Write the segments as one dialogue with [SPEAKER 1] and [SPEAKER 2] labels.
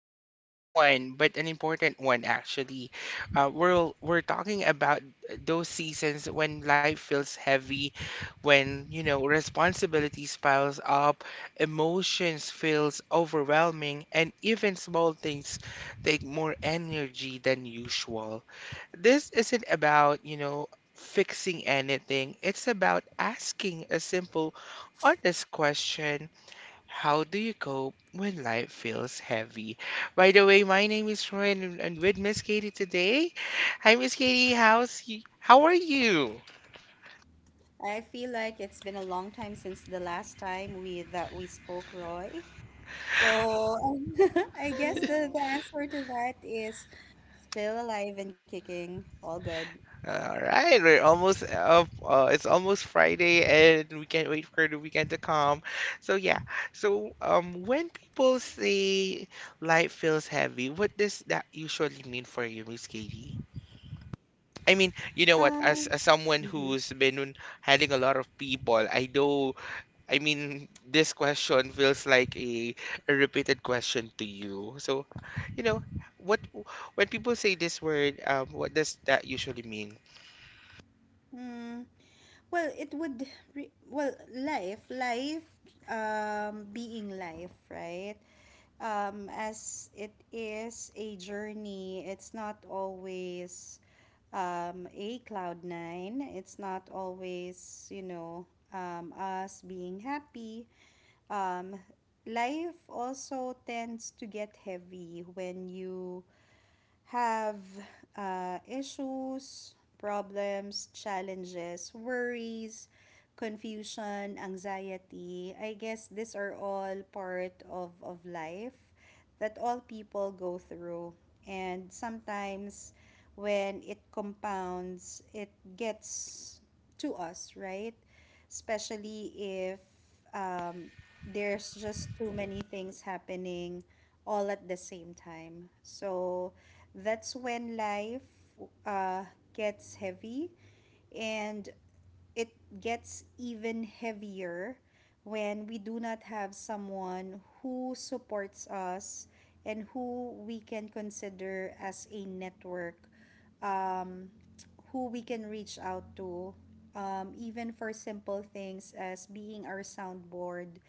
[SPEAKER 1] is a soft one, but an important one actually. We're talking about those seasons when life feels heavy, when responsibilities piles up, emotions feels overwhelming, and even small things take more energy than usual. This isn't about fixing anything. It's about asking a simple, honest question, how do you cope when life feels heavy? By the way, my name is Roy and I'm with Miss Katie today. Hi, Miss Katie. How's you? How are you?
[SPEAKER 2] I feel like it's been a long time since the last time we that we spoke, Roy. So I guess the answer to that is still alive and kicking, all good.
[SPEAKER 1] All right, we're almost up. It's almost Friday, and we can't wait for the weekend to come. So yeah, so when people say life feels heavy, what does that usually mean for you, Miss Katie? I mean, you know what?
[SPEAKER 2] Um,
[SPEAKER 1] As someone
[SPEAKER 2] mhm.
[SPEAKER 1] who's been handling a lot of people, I know, I mean, this question feels like a repeated question to you. So, you know, what, when people say this word, what does that usually mean?
[SPEAKER 2] Hmm. Well, it would well, life, being life, right? As it is a journey, it's not always a cloud nine. It's not always, us being happy. Um, Life also tends to get heavy when you have issues, problems, challenges, worries, confusion, anxiety. I guess these are all part of life that all people go through. And sometimes when it compounds, it gets to us, right? Especially if um, there's just too many things happening all at the same time. So that's when life uh, gets heavy. And it gets even heavier when we do not have someone who supports us and who we can consider as a network, um, who we can reach out to, even for simple things as being our soundboard,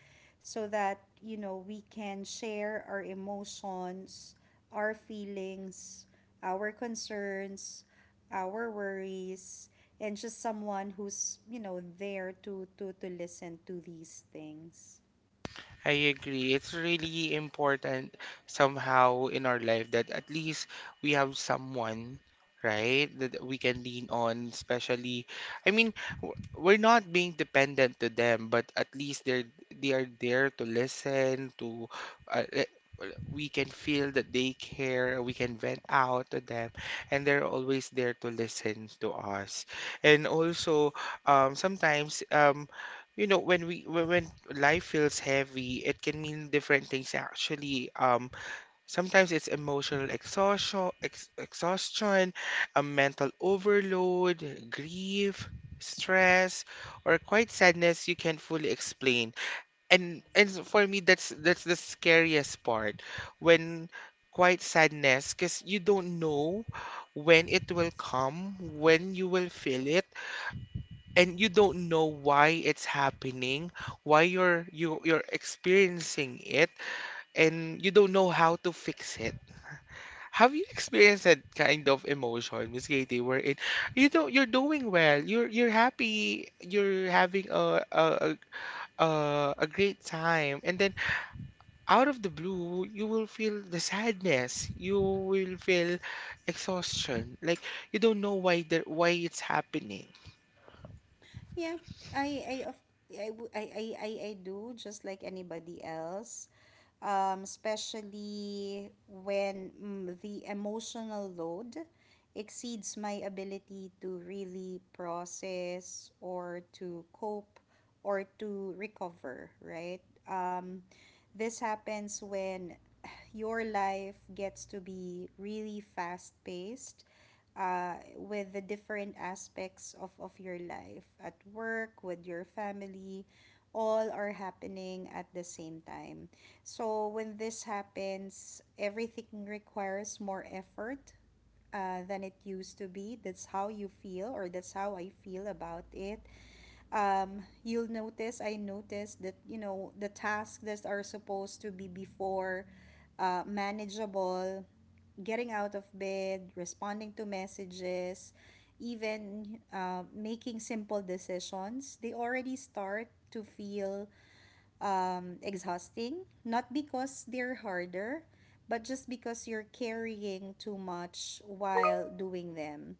[SPEAKER 2] so that, you know, we can share our emotions, our feelings, our concerns, our worries, and just someone who's, you know, there to listen to these things.
[SPEAKER 1] I agree. It's really important somehow in our life that at least we have someone, right, that we can lean on. Especially, I mean, we're not being dependent to them, but at least they are there to listen, to uh, le- we can feel that they care, we can vent out to them, and they're always there to listen to us. And also, sometimes you know, when life feels heavy, it can mean different things actually. Sometimes it's emotional exhaustion, ex exhaustion, a mental overload, grief, stress, or quite sadness you can't fully explain. And for me, that's the scariest part when quite sadness, because you don't know when it will come, when you will feel it, and you don't know why it's happening, why you're experiencing it, and you don't know how to fix it. Have you experienced that kind of emotion, Miss Katie, wherein you don't you're doing well, you're happy, you're having a a great time, and then out of the blue, you will feel the sadness, you will feel exhaustion, like you don't know why it's happening.
[SPEAKER 2] Yeah, I of I, w- I do just like anybody else. Especially when the emotional load exceeds my ability to really process or to cope or to recover, right? Um, this happens when your life gets to be really fast paced, with the different aspects of your life at work, with your family, all are happening at the same time. So when this happens, everything requires more effort than it used to be. That's how you feel, or that's how I feel about it. You'll notice, I noticed that, you know, the tasks that are supposed to be before manageable, getting out of bed, responding to messages, even making simple decisions, they already start to feel exhausting. Not because they're harder, but just because you're carrying too much while doing them.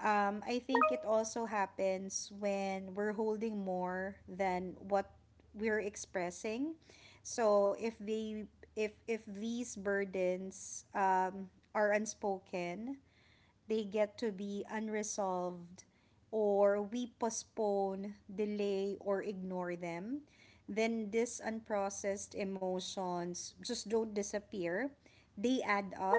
[SPEAKER 2] I think it also happens when we're holding more than what we're expressing. So if these burdens are unspoken, they get to be unresolved, or we postpone, delay, or ignore them, then these unprocessed emotions just don't disappear. They add up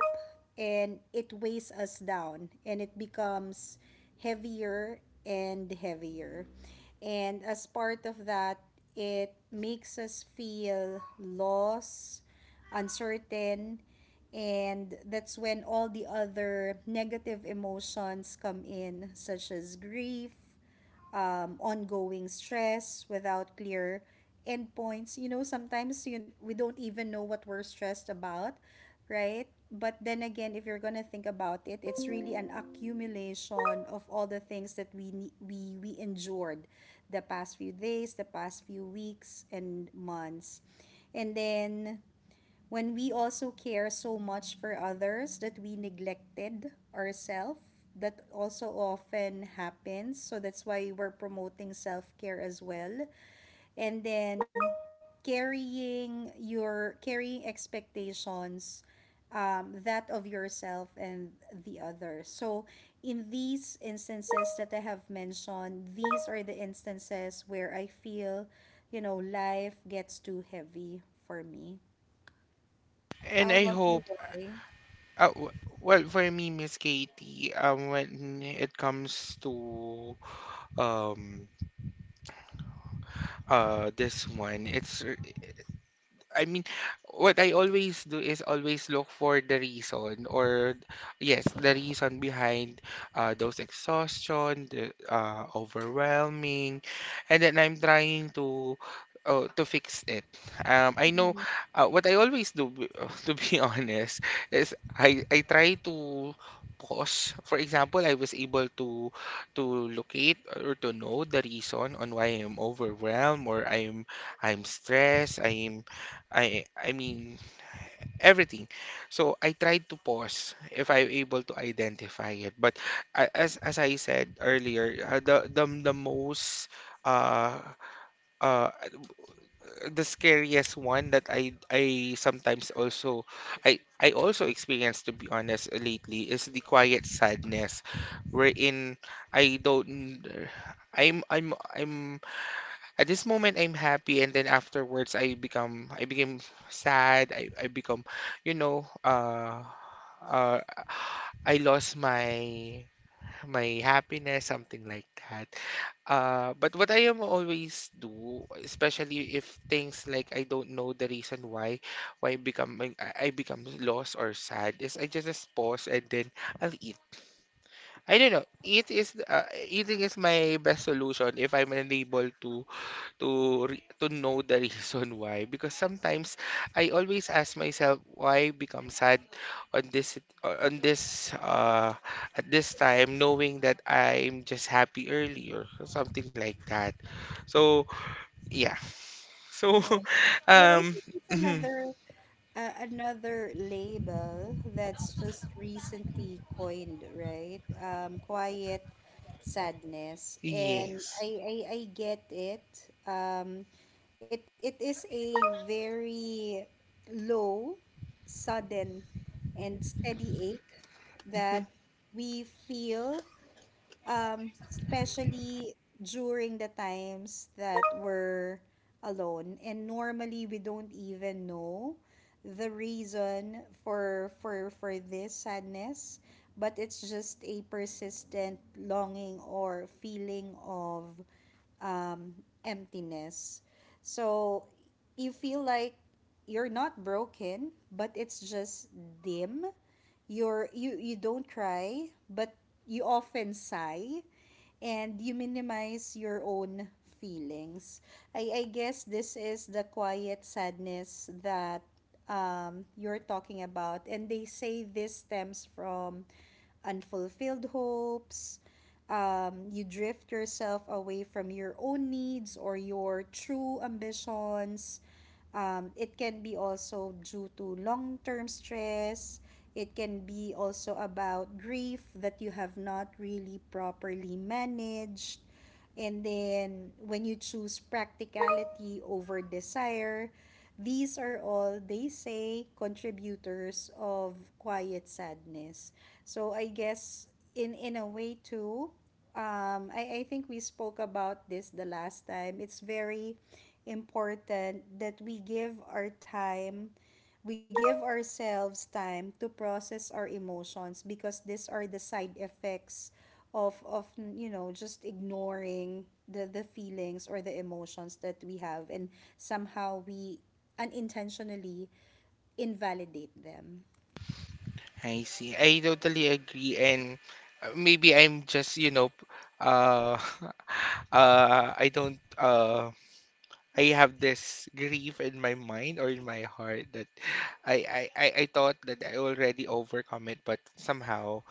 [SPEAKER 2] and it weighs us down, and it becomes heavier and heavier. And as part of that, it makes us feel lost, uncertain, and that's when all the other negative emotions come in, such as grief, ongoing stress without clear endpoints. You know, sometimes we don't even know what we're stressed about, right? But then again, if you're gonna think about it, it's really an accumulation of all the things that we ne- we endured the past few days, the past few weeks and months. And then when we also care so much for others that we neglected ourselves, that also often happens, so that's why we're promoting self-care as well. And then carrying expectations, that of yourself and the other. So in these instances that I have mentioned, these are the instances where I feel, you know, life gets too heavy for me.
[SPEAKER 1] And
[SPEAKER 2] How
[SPEAKER 1] I
[SPEAKER 2] about you,
[SPEAKER 1] hope.
[SPEAKER 2] Roy?
[SPEAKER 1] Uh, w- well, for me, Miss Katie, when it comes to um, this one, I mean, what I always do is always look for the reason, or yes, the reason behind those exhaustion, the overwhelming, and then I'm trying to fix it. I know
[SPEAKER 2] Mhm.
[SPEAKER 1] what I always do, to be honest, is I try to pause. For example, I was able to locate or to know the reason on why I'm overwhelmed or I'm stressed, I mean everything. So I tried to pause if I'm able to identify it. But as I said earlier, the the most uh uh the scariest one that I sometimes also I also experience to be honest lately is the quiet sadness wherein I don't I'm at this moment, I'm happy, and then afterwards, I became sad. You know, uh, I lost my happiness, something like that. But what I am always do, especially if things like I don't know the reason why become I become lost or sad, is I just pause and then I'll eat. I don't know. Eating is my best solution if I'm unable to to know the reason why, because sometimes I always ask myself why become sad on on this at this time, knowing that I'm just happy earlier, or something like that. So yeah. So
[SPEAKER 2] Well, I
[SPEAKER 1] um.
[SPEAKER 2] think it's
[SPEAKER 1] Mhm.
[SPEAKER 2] another, another label that's just recently coined, right? Quiet sadness, and
[SPEAKER 1] Yes.
[SPEAKER 2] I get it. It it is a very low, sudden, and steady ache
[SPEAKER 1] Mhm.
[SPEAKER 2] that we feel, especially during the times that we're alone, and normally we don't even know the reason for this sadness, but it's just a persistent longing or feeling of um, emptiness. So you feel like you're not broken, but it's just dim. You don't cry, but you often sigh, and you minimize your own feelings. I guess this is the quiet sadness that you're talking about, and they say this stems from unfulfilled hopes. You drift yourself away from your own needs or your true ambitions. It can be also due to long term stress. It can be also about grief that you have not really properly managed. And then when you choose practicality over desire, these are all, they say, contributors of quiet sadness. So I guess in a way too, I think we spoke about this the last time. It's very important that we give our time, we give ourselves time to process our emotions, because these are the side effects of you know, just ignoring the feelings or the emotions that we have. And somehow we unintentionally invalidate them.
[SPEAKER 1] I see. I totally agree and maybe I'm just uh I don't I have this grief in my mind or in my heart that I thought that I already overcome it, but somehow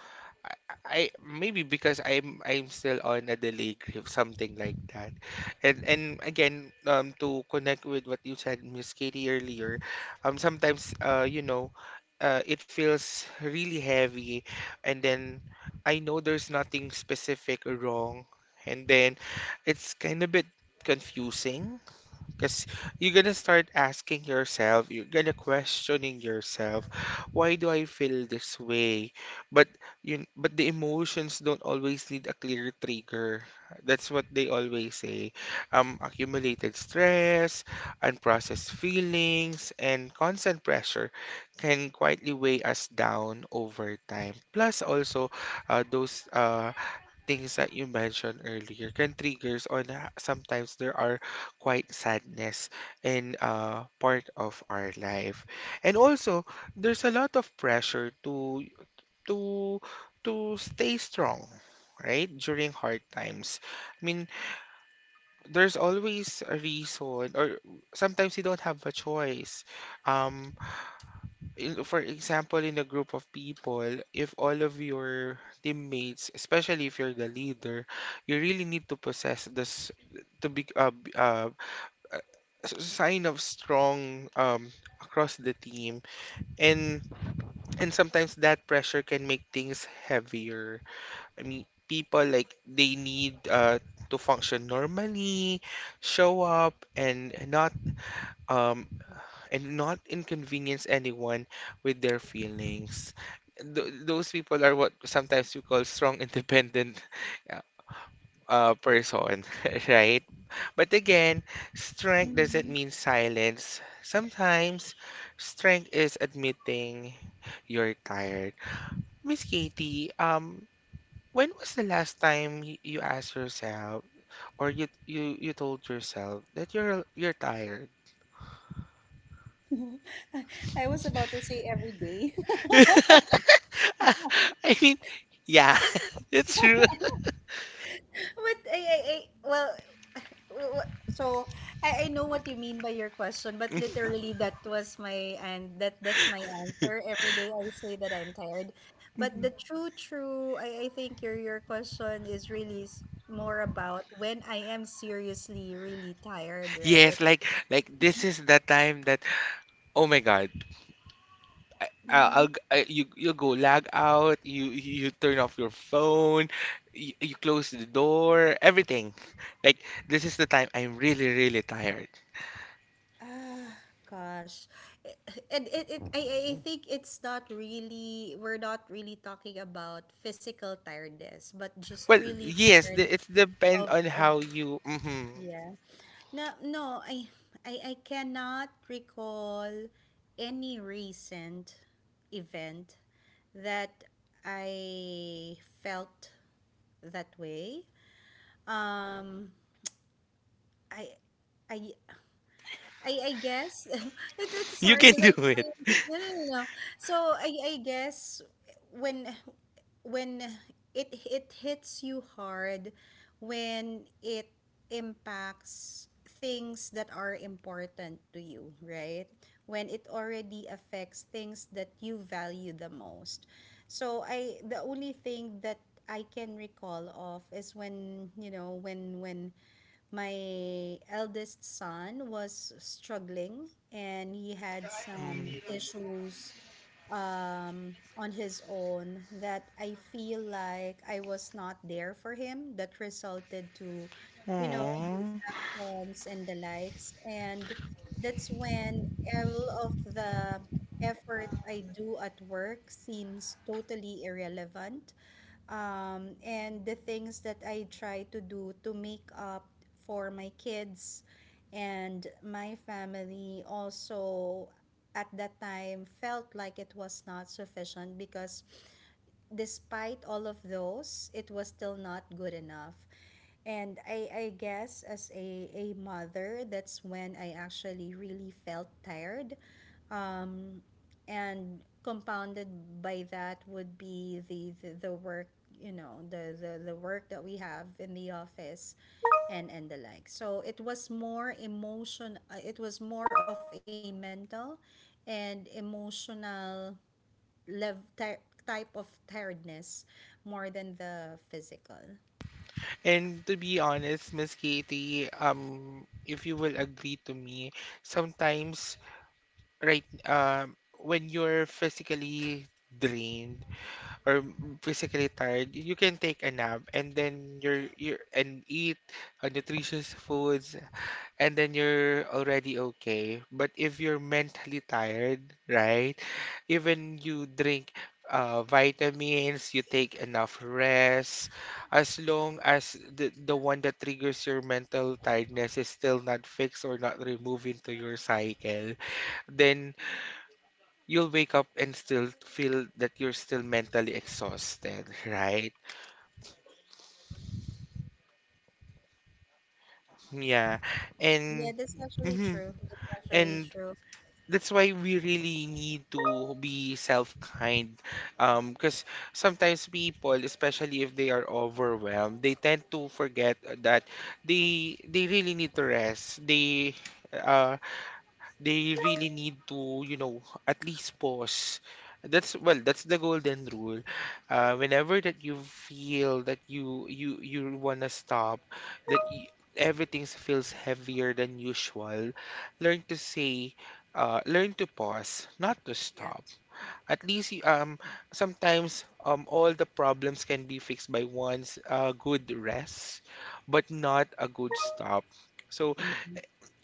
[SPEAKER 1] I, I maybe because I'm still on a delay grief, something like that. And again, to connect with what you said, Miss Katie, earlier, sometimes you know, it feels really heavy, and then I know there's nothing specific wrong, and then it's kind of bit confusing because you're gonna start asking yourself, you're gonna questioning yourself, why do I feel this way? But but the emotions don't always need a clear trigger. That's what they always say. Accumulated stress, unprocessed feelings, and constant pressure can quietly weigh us down over time. Plus, also, those things that you mentioned earlier can triggers sometimes there are quite sadness in part of our life, and also there's a lot of pressure to to to stay strong, right, during hard times. I mean, there's always a reason, or sometimes you don't have a choice. um for example, in a group of people, if all of your teammates, especially if you're the leader, you really need to possess this, to be a sign of strong across the team. And and sometimes that pressure can make things heavier. I mean, people like they need to function normally, show up um and not inconvenience anyone with their feelings. Those people are what sometimes we call strong, independent uh, person, right? But again, strength doesn't
[SPEAKER 2] Mhm.
[SPEAKER 1] mean silence. Sometimes strength is admitting you're tired. Miss Katie, when was the last time you asked yourself or you told yourself that you're tired?
[SPEAKER 2] I was about to say every day.
[SPEAKER 1] I mean, yeah, it's true.
[SPEAKER 2] But I Well, w- so I know what you mean by your question, but literally that was my, and that that's my answer. Every day I say that I'm tired, but the true true, I think your question is really more about when I am seriously really tired, right?
[SPEAKER 1] Yes, like this is the time that, oh my God, I,
[SPEAKER 2] Mm-hmm.
[SPEAKER 1] I'll g- I, you go log out, you turn off your phone, you close the door, everything. Like, this is the time I'm really really tired.
[SPEAKER 2] Ah, gosh. I- And I think it's not really, we're not really talking about physical tiredness, but just
[SPEAKER 1] Well,
[SPEAKER 2] really
[SPEAKER 1] yes,
[SPEAKER 2] tired.
[SPEAKER 1] it depends on
[SPEAKER 2] Of
[SPEAKER 1] how you. Mhm.
[SPEAKER 2] Yeah. No, no, I cannot recall any recent event that I felt that way. Um, I, I, I guess it's
[SPEAKER 1] You
[SPEAKER 2] hard
[SPEAKER 1] can
[SPEAKER 2] because
[SPEAKER 1] do
[SPEAKER 2] I'm
[SPEAKER 1] it.
[SPEAKER 2] trying. No, no, no, no. So I guess when when it it hits you hard, when it impacts things that are important to you, right? When it already affects things that you value the most. So I the only thing that I can recall of is when, you know, when my eldest son was struggling and he had some issues on his own, that I feel like I was not there for him, that resulted to, you know, his
[SPEAKER 1] Mm.
[SPEAKER 2] actions and the likes. And that's when all of the efforts I do at work seems totally irrelevant, and the things that I try to do to make up for my kids and my family also at that time felt like it was not sufficient, because despite all of those, it was still not good enough. And I guess as a mother, that's when I actually really felt tired, um, and compounded by that would be the work, you know, the work that we have in the office and the like. So it was more emotion, it was more of a mental and emotional lev- ty- type of tiredness more than the physical.
[SPEAKER 1] And to be honest, Miss Katie, if you will agree to me, sometimes, right, when you're physically drained or physically tired, you can take a nap and then you're and eat nutritious foods and then you're already okay. But if you're mentally tired, right? Even you drink vitamins, you take enough rest, as long as the one that triggers your mental tiredness is still not fixed or not removed into your cycle, then you'll wake up and still feel that you're still mentally exhausted, right? Yeah.
[SPEAKER 2] yeah
[SPEAKER 1] And
[SPEAKER 2] that's actually
[SPEAKER 1] mhm.
[SPEAKER 2] true that's actually
[SPEAKER 1] And
[SPEAKER 2] true
[SPEAKER 1] that's why we really need to be self-kind, because sometimes people, especially if they are overwhelmed, they tend to forget that they really need to rest, uh they really need to, you know, at least pause. That's well, that's the golden rule. Whenever that you feel that you wanna stop, that y everything feels heavier than usual, learn to say, learn to pause, not to
[SPEAKER 2] Yeah.
[SPEAKER 1] stop. At least you- um Sometimes all the problems can be fixed by one's good rest, but not a good stop. So
[SPEAKER 2] Mm-hmm.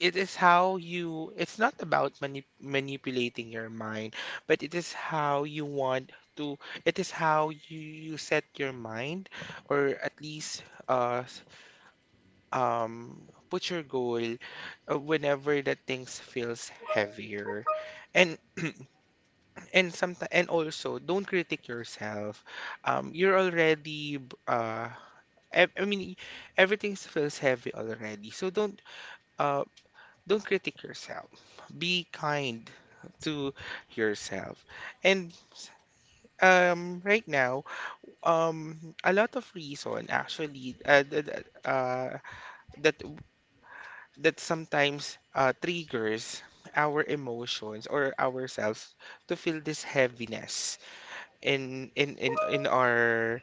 [SPEAKER 1] it's not about manipulating your mind, but it is how you want to, it is how you, you set your mind, or at least uh s- put your goal whenever that things feels heavier. And and sometimes and also don't critique yourself, you're already I mean, everything feels heavy already, so uh, don't critique yourself. Be kind to yourself. And right now, um, a lot of reason actually that that sometimes triggers our emotions or ourselves to feel this heaviness in our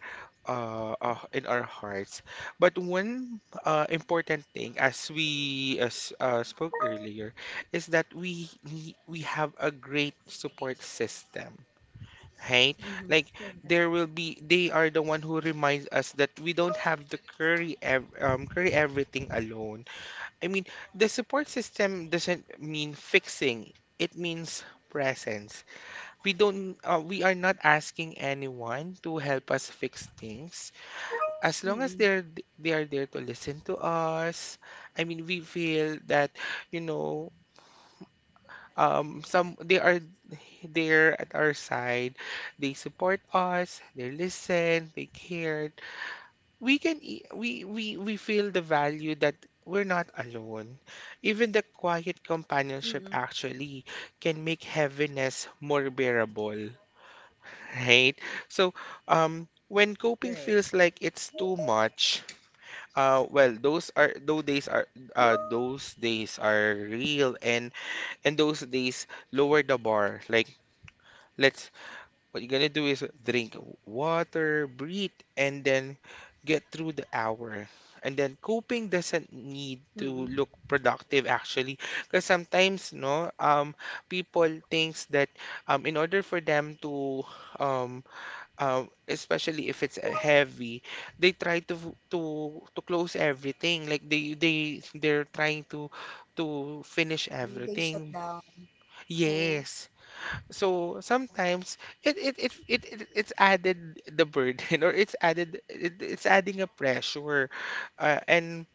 [SPEAKER 1] in our hearts. But one important thing, as we as spoke earlier, is that we have a great support system. Right?
[SPEAKER 2] Mm-hmm.
[SPEAKER 1] Like,
[SPEAKER 2] Correct.
[SPEAKER 1] there will be, they are the one who reminds us that we don't have to carry everything alone. I mean, the support system doesn't mean fixing. It means presence. We don't we are not asking anyone to help us fix things, as long as
[SPEAKER 2] Mm-hmm.
[SPEAKER 1] they are there to listen to us. I mean, we feel that, you know, some, they are there at our side, they support us, they listen, they cared. We we feel the value that we're not alone. Even the
[SPEAKER 2] Mm-hmm.
[SPEAKER 1] quiet companionship actually can make heaviness more bearable. Right. So,
[SPEAKER 2] Right.
[SPEAKER 1] when coping feels like it's too much, well, those days are real, and those days lower the bar. Like, let's, what you're gonna do is drink water, breathe, and then get through the hour. And then coping doesn't
[SPEAKER 2] Mm-hmm.
[SPEAKER 1] need to look productive actually, because sometimes no, people thinks that in order for them to um especially if it's heavy, they try to to close everything. Like they they're trying to
[SPEAKER 2] they
[SPEAKER 1] finish
[SPEAKER 2] they shut down.
[SPEAKER 1] everything.
[SPEAKER 2] Yeah, yeah.
[SPEAKER 1] Yes. So sometimes it's added the burden or it's it's adding a pressure, and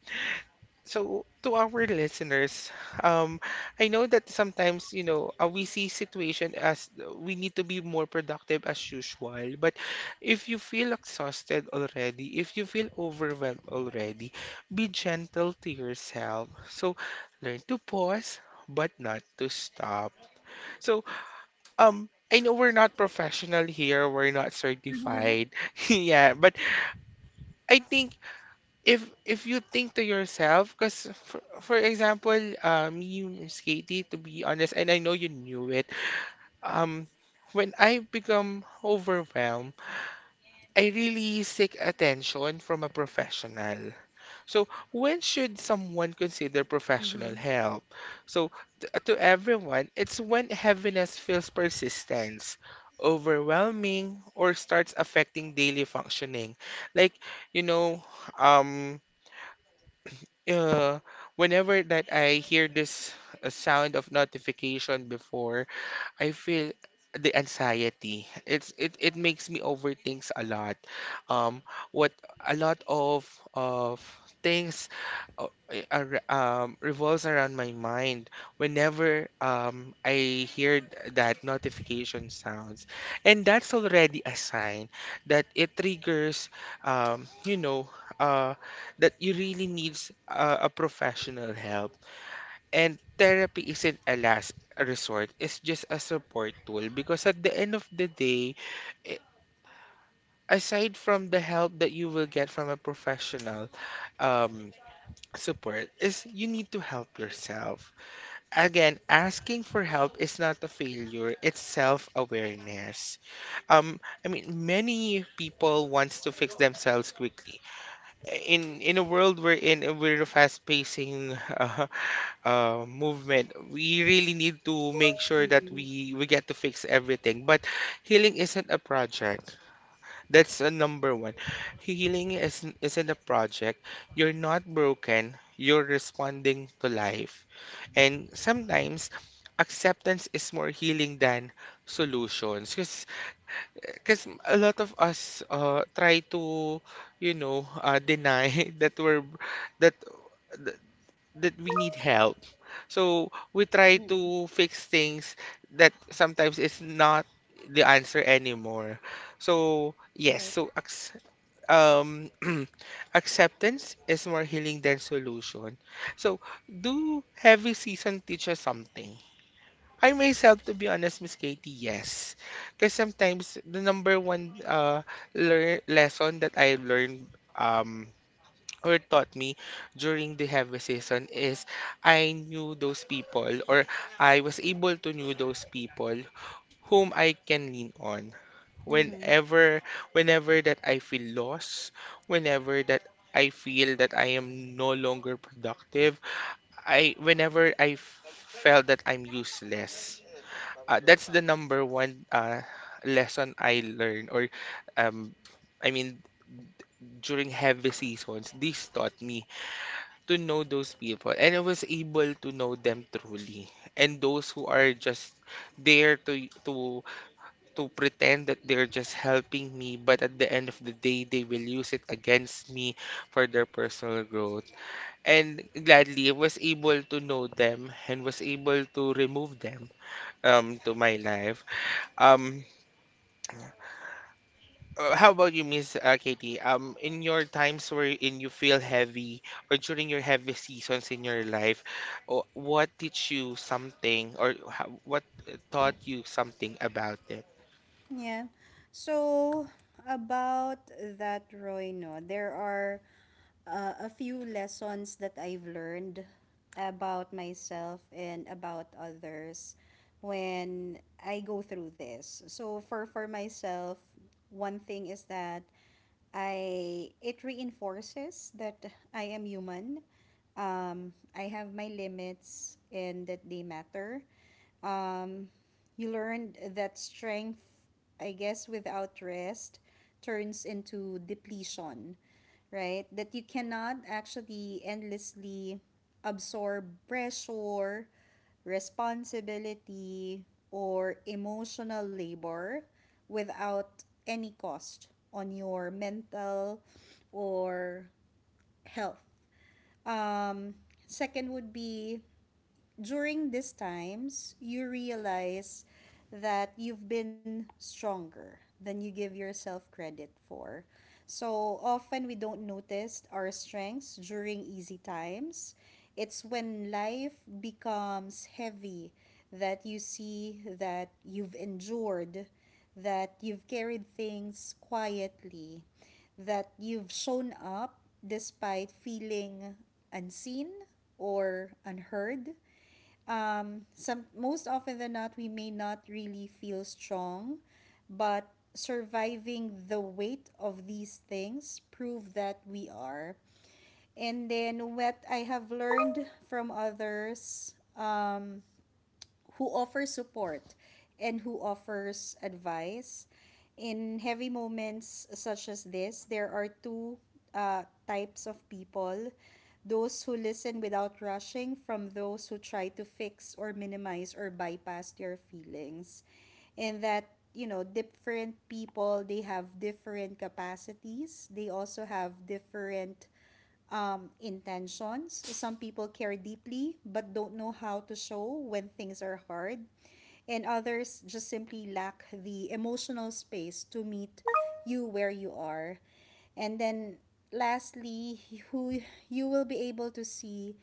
[SPEAKER 1] so, to our listeners, um, I know that sometimes, you know, we see situation as we need to be more productive as usual. But if you feel exhausted already, if you feel overwhelmed already, be gentle to yourself. So, learn to pause, but not to stop. So, I know we're not professional here, we're not certified. Yeah, but I think if you think to yourself, because for example, me, Miss Katie, to be honest, and I know you knew it, um, when I become overwhelmed, I really seek attention from a professional. So when should someone
[SPEAKER 2] Mm-hmm.
[SPEAKER 1] consider professional help? So to everyone, it's when heaviness feels persistence. Overwhelming or starts affecting daily functioning. Like, you know, um, uh, whenever that I hear this sound of notification before, I feel the anxiety. It makes me overthink a lot. Um, what a lot of things revolves around my mind whenever I hear that notification sounds, and that's already a sign that it triggers um you know uh that you really needs a professional help, and therapy isn't a last resort, it's just a support tool because at the end of the day, i- aside from the help that you will get from a professional um, support, is you need to help yourself. Again, asking for help is not a failure, it's self-awareness. I mean, many people wants to fix themselves quickly. In a world we're in, we're a fast-pacing movement, we really need to
[SPEAKER 2] Mm-hmm.
[SPEAKER 1] make sure that we get to fix everything. But healing isn't a project. That's a number one. Healing isn't a project. You're not broken. You're responding to life. And sometimes acceptance is more healing than solutions because a lot of us try to deny that we're that that we need help. So we
[SPEAKER 2] Mm-hmm.
[SPEAKER 1] try to fix things that sometimes is not the answer anymore. So
[SPEAKER 2] Right.
[SPEAKER 1] yes, um, acceptance is more healing than solution. So do heavy season teach us something? I myself, to be honest, Miss Katie, yes. Because sometimes the number one lear lesson that I learned, um, or taught me during the heavy season is I knew those people, or I was able to knew those people whom I can lean on
[SPEAKER 2] Mm-hmm.
[SPEAKER 1] whenever, whenever that I feel lost, whenever that I feel that I am no longer productive, I whenever I felt that I'm useless. That's the number one lesson I learned, or um I mean during heavy seasons this taught me to know those people, and I was able to know them truly, and those who are just there to to pretend that they're just helping me, but at the end of the day they will use it against me for their personal growth, and gladly I was able to know them and was able to remove them to my life. um How about you, Miss Katie? In your times wherein you feel heavy or during your heavy seasons in your life, what teach you something, or ho- what taught you something about it?
[SPEAKER 2] Yeah. So about that, Roy, no, there are a few lessons that I've learned about myself and about others when I go through this. So for myself, one thing is that I it reinforces that I am human. I have my limits and that they matter. Um, you learned that strength, I guess, without rest turns into depletion, right? That you cannot actually endlessly absorb pressure, responsibility, or emotional labor without any cost on your mental or health. Um, second would be during these times, you realize that you've been stronger than you give yourself credit for. So often we don't notice our strengths during easy times. It's when life becomes heavy that you see that you've endured, that you've carried things quietly, that you've shown up despite feeling unseen or unheard. Some, most often than not, we may not really feel strong, but surviving the weight of these things prove that we are. And then what I have learned from others who offers support and who offers advice: in heavy moments such as this, there are two, types of people, those who listen without rushing, from those who try to fix or minimize or bypass your feelings. And that, you know, different people, they have different capacities, they also have different intentions. Some people care deeply but don't know how to show when things are hard. And others just simply lack the emotional space to meet you where you are. And then lastly, who you will be able to see,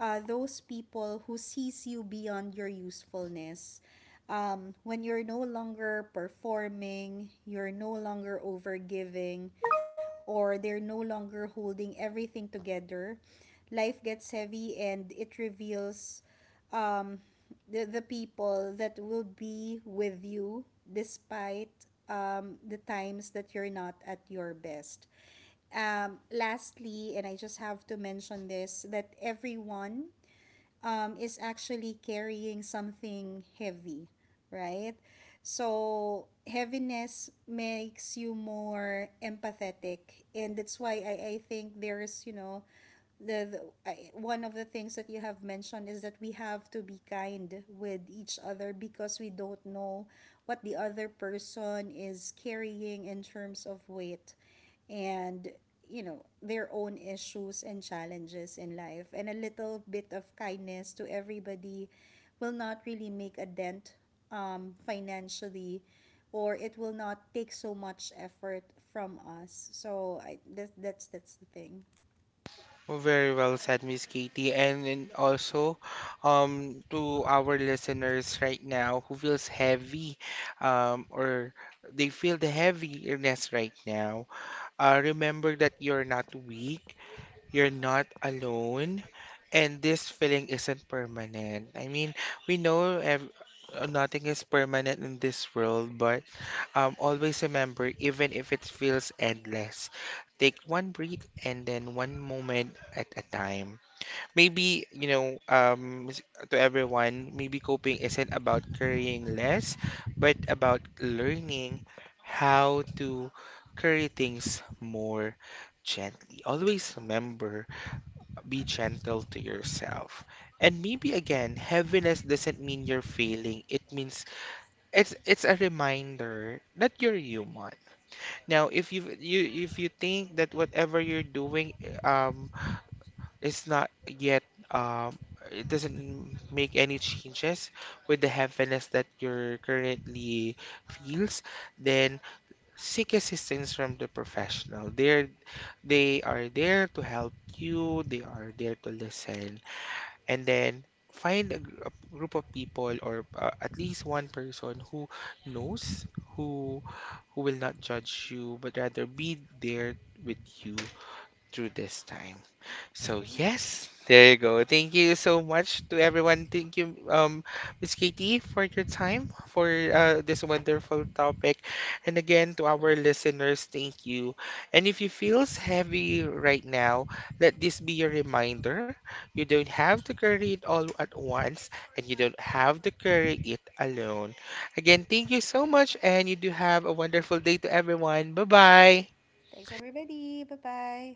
[SPEAKER 2] those people who sees you beyond your usefulness. When you're no longer performing, you're no longer overgiving, or they're no longer holding everything together, life gets heavy and it reveals the people that will be with you despite the times that you're not at your best. Um, lastly, and I just have to mention this, that everyone is actually carrying something heavy, right? So heaviness makes you more empathetic, and that's why I think there is, you know, the, the one of the things that you have mentioned, is that we have to be kind with each other, because we don't know what the other person is carrying in terms of weight and, you know, their own issues and challenges in life. And a little bit of kindness to everybody will not really make a dent financially, or it will not take so much effort from us. So that, that's the thing.
[SPEAKER 1] Oh, very well said, Miss Katie. And then also, to our listeners right now who feels heavy, or they feel the heaviness right now, remember that you're not weak, you're not alone, and this feeling isn't permanent. I mean, we know nothing is permanent in this world, but always remember, even if it feels endless, take one breath and then one moment at a time. Maybe, you know, to everyone, maybe coping isn't about carrying less, but about learning how to carry things more gently. Always remember, be gentle to yourself. And maybe again, heaviness doesn't mean you're failing. It means it's a reminder that you're human. Now, if you think that whatever you're doing um is not yet um it doesn't make any changes with the heaviness that you're currently feels, then seek assistance from the professional. They are there to help you. They are there to listen, and then find a group of people, or at least one person who knows, who who will not judge you but rather be there with you through this time. So yes, there you go. Thank you so much to everyone. Thank you, Miss Katie, for your time, for this wonderful topic, and again to our listeners, thank you. And if you feels heavy right now, let this be your reminder. You don't have to carry it all at once, and you don't have to carry it alone. Again, thank you so much, and you do have a wonderful day to everyone. Bye bye.
[SPEAKER 2] Thanks everybody, bye bye.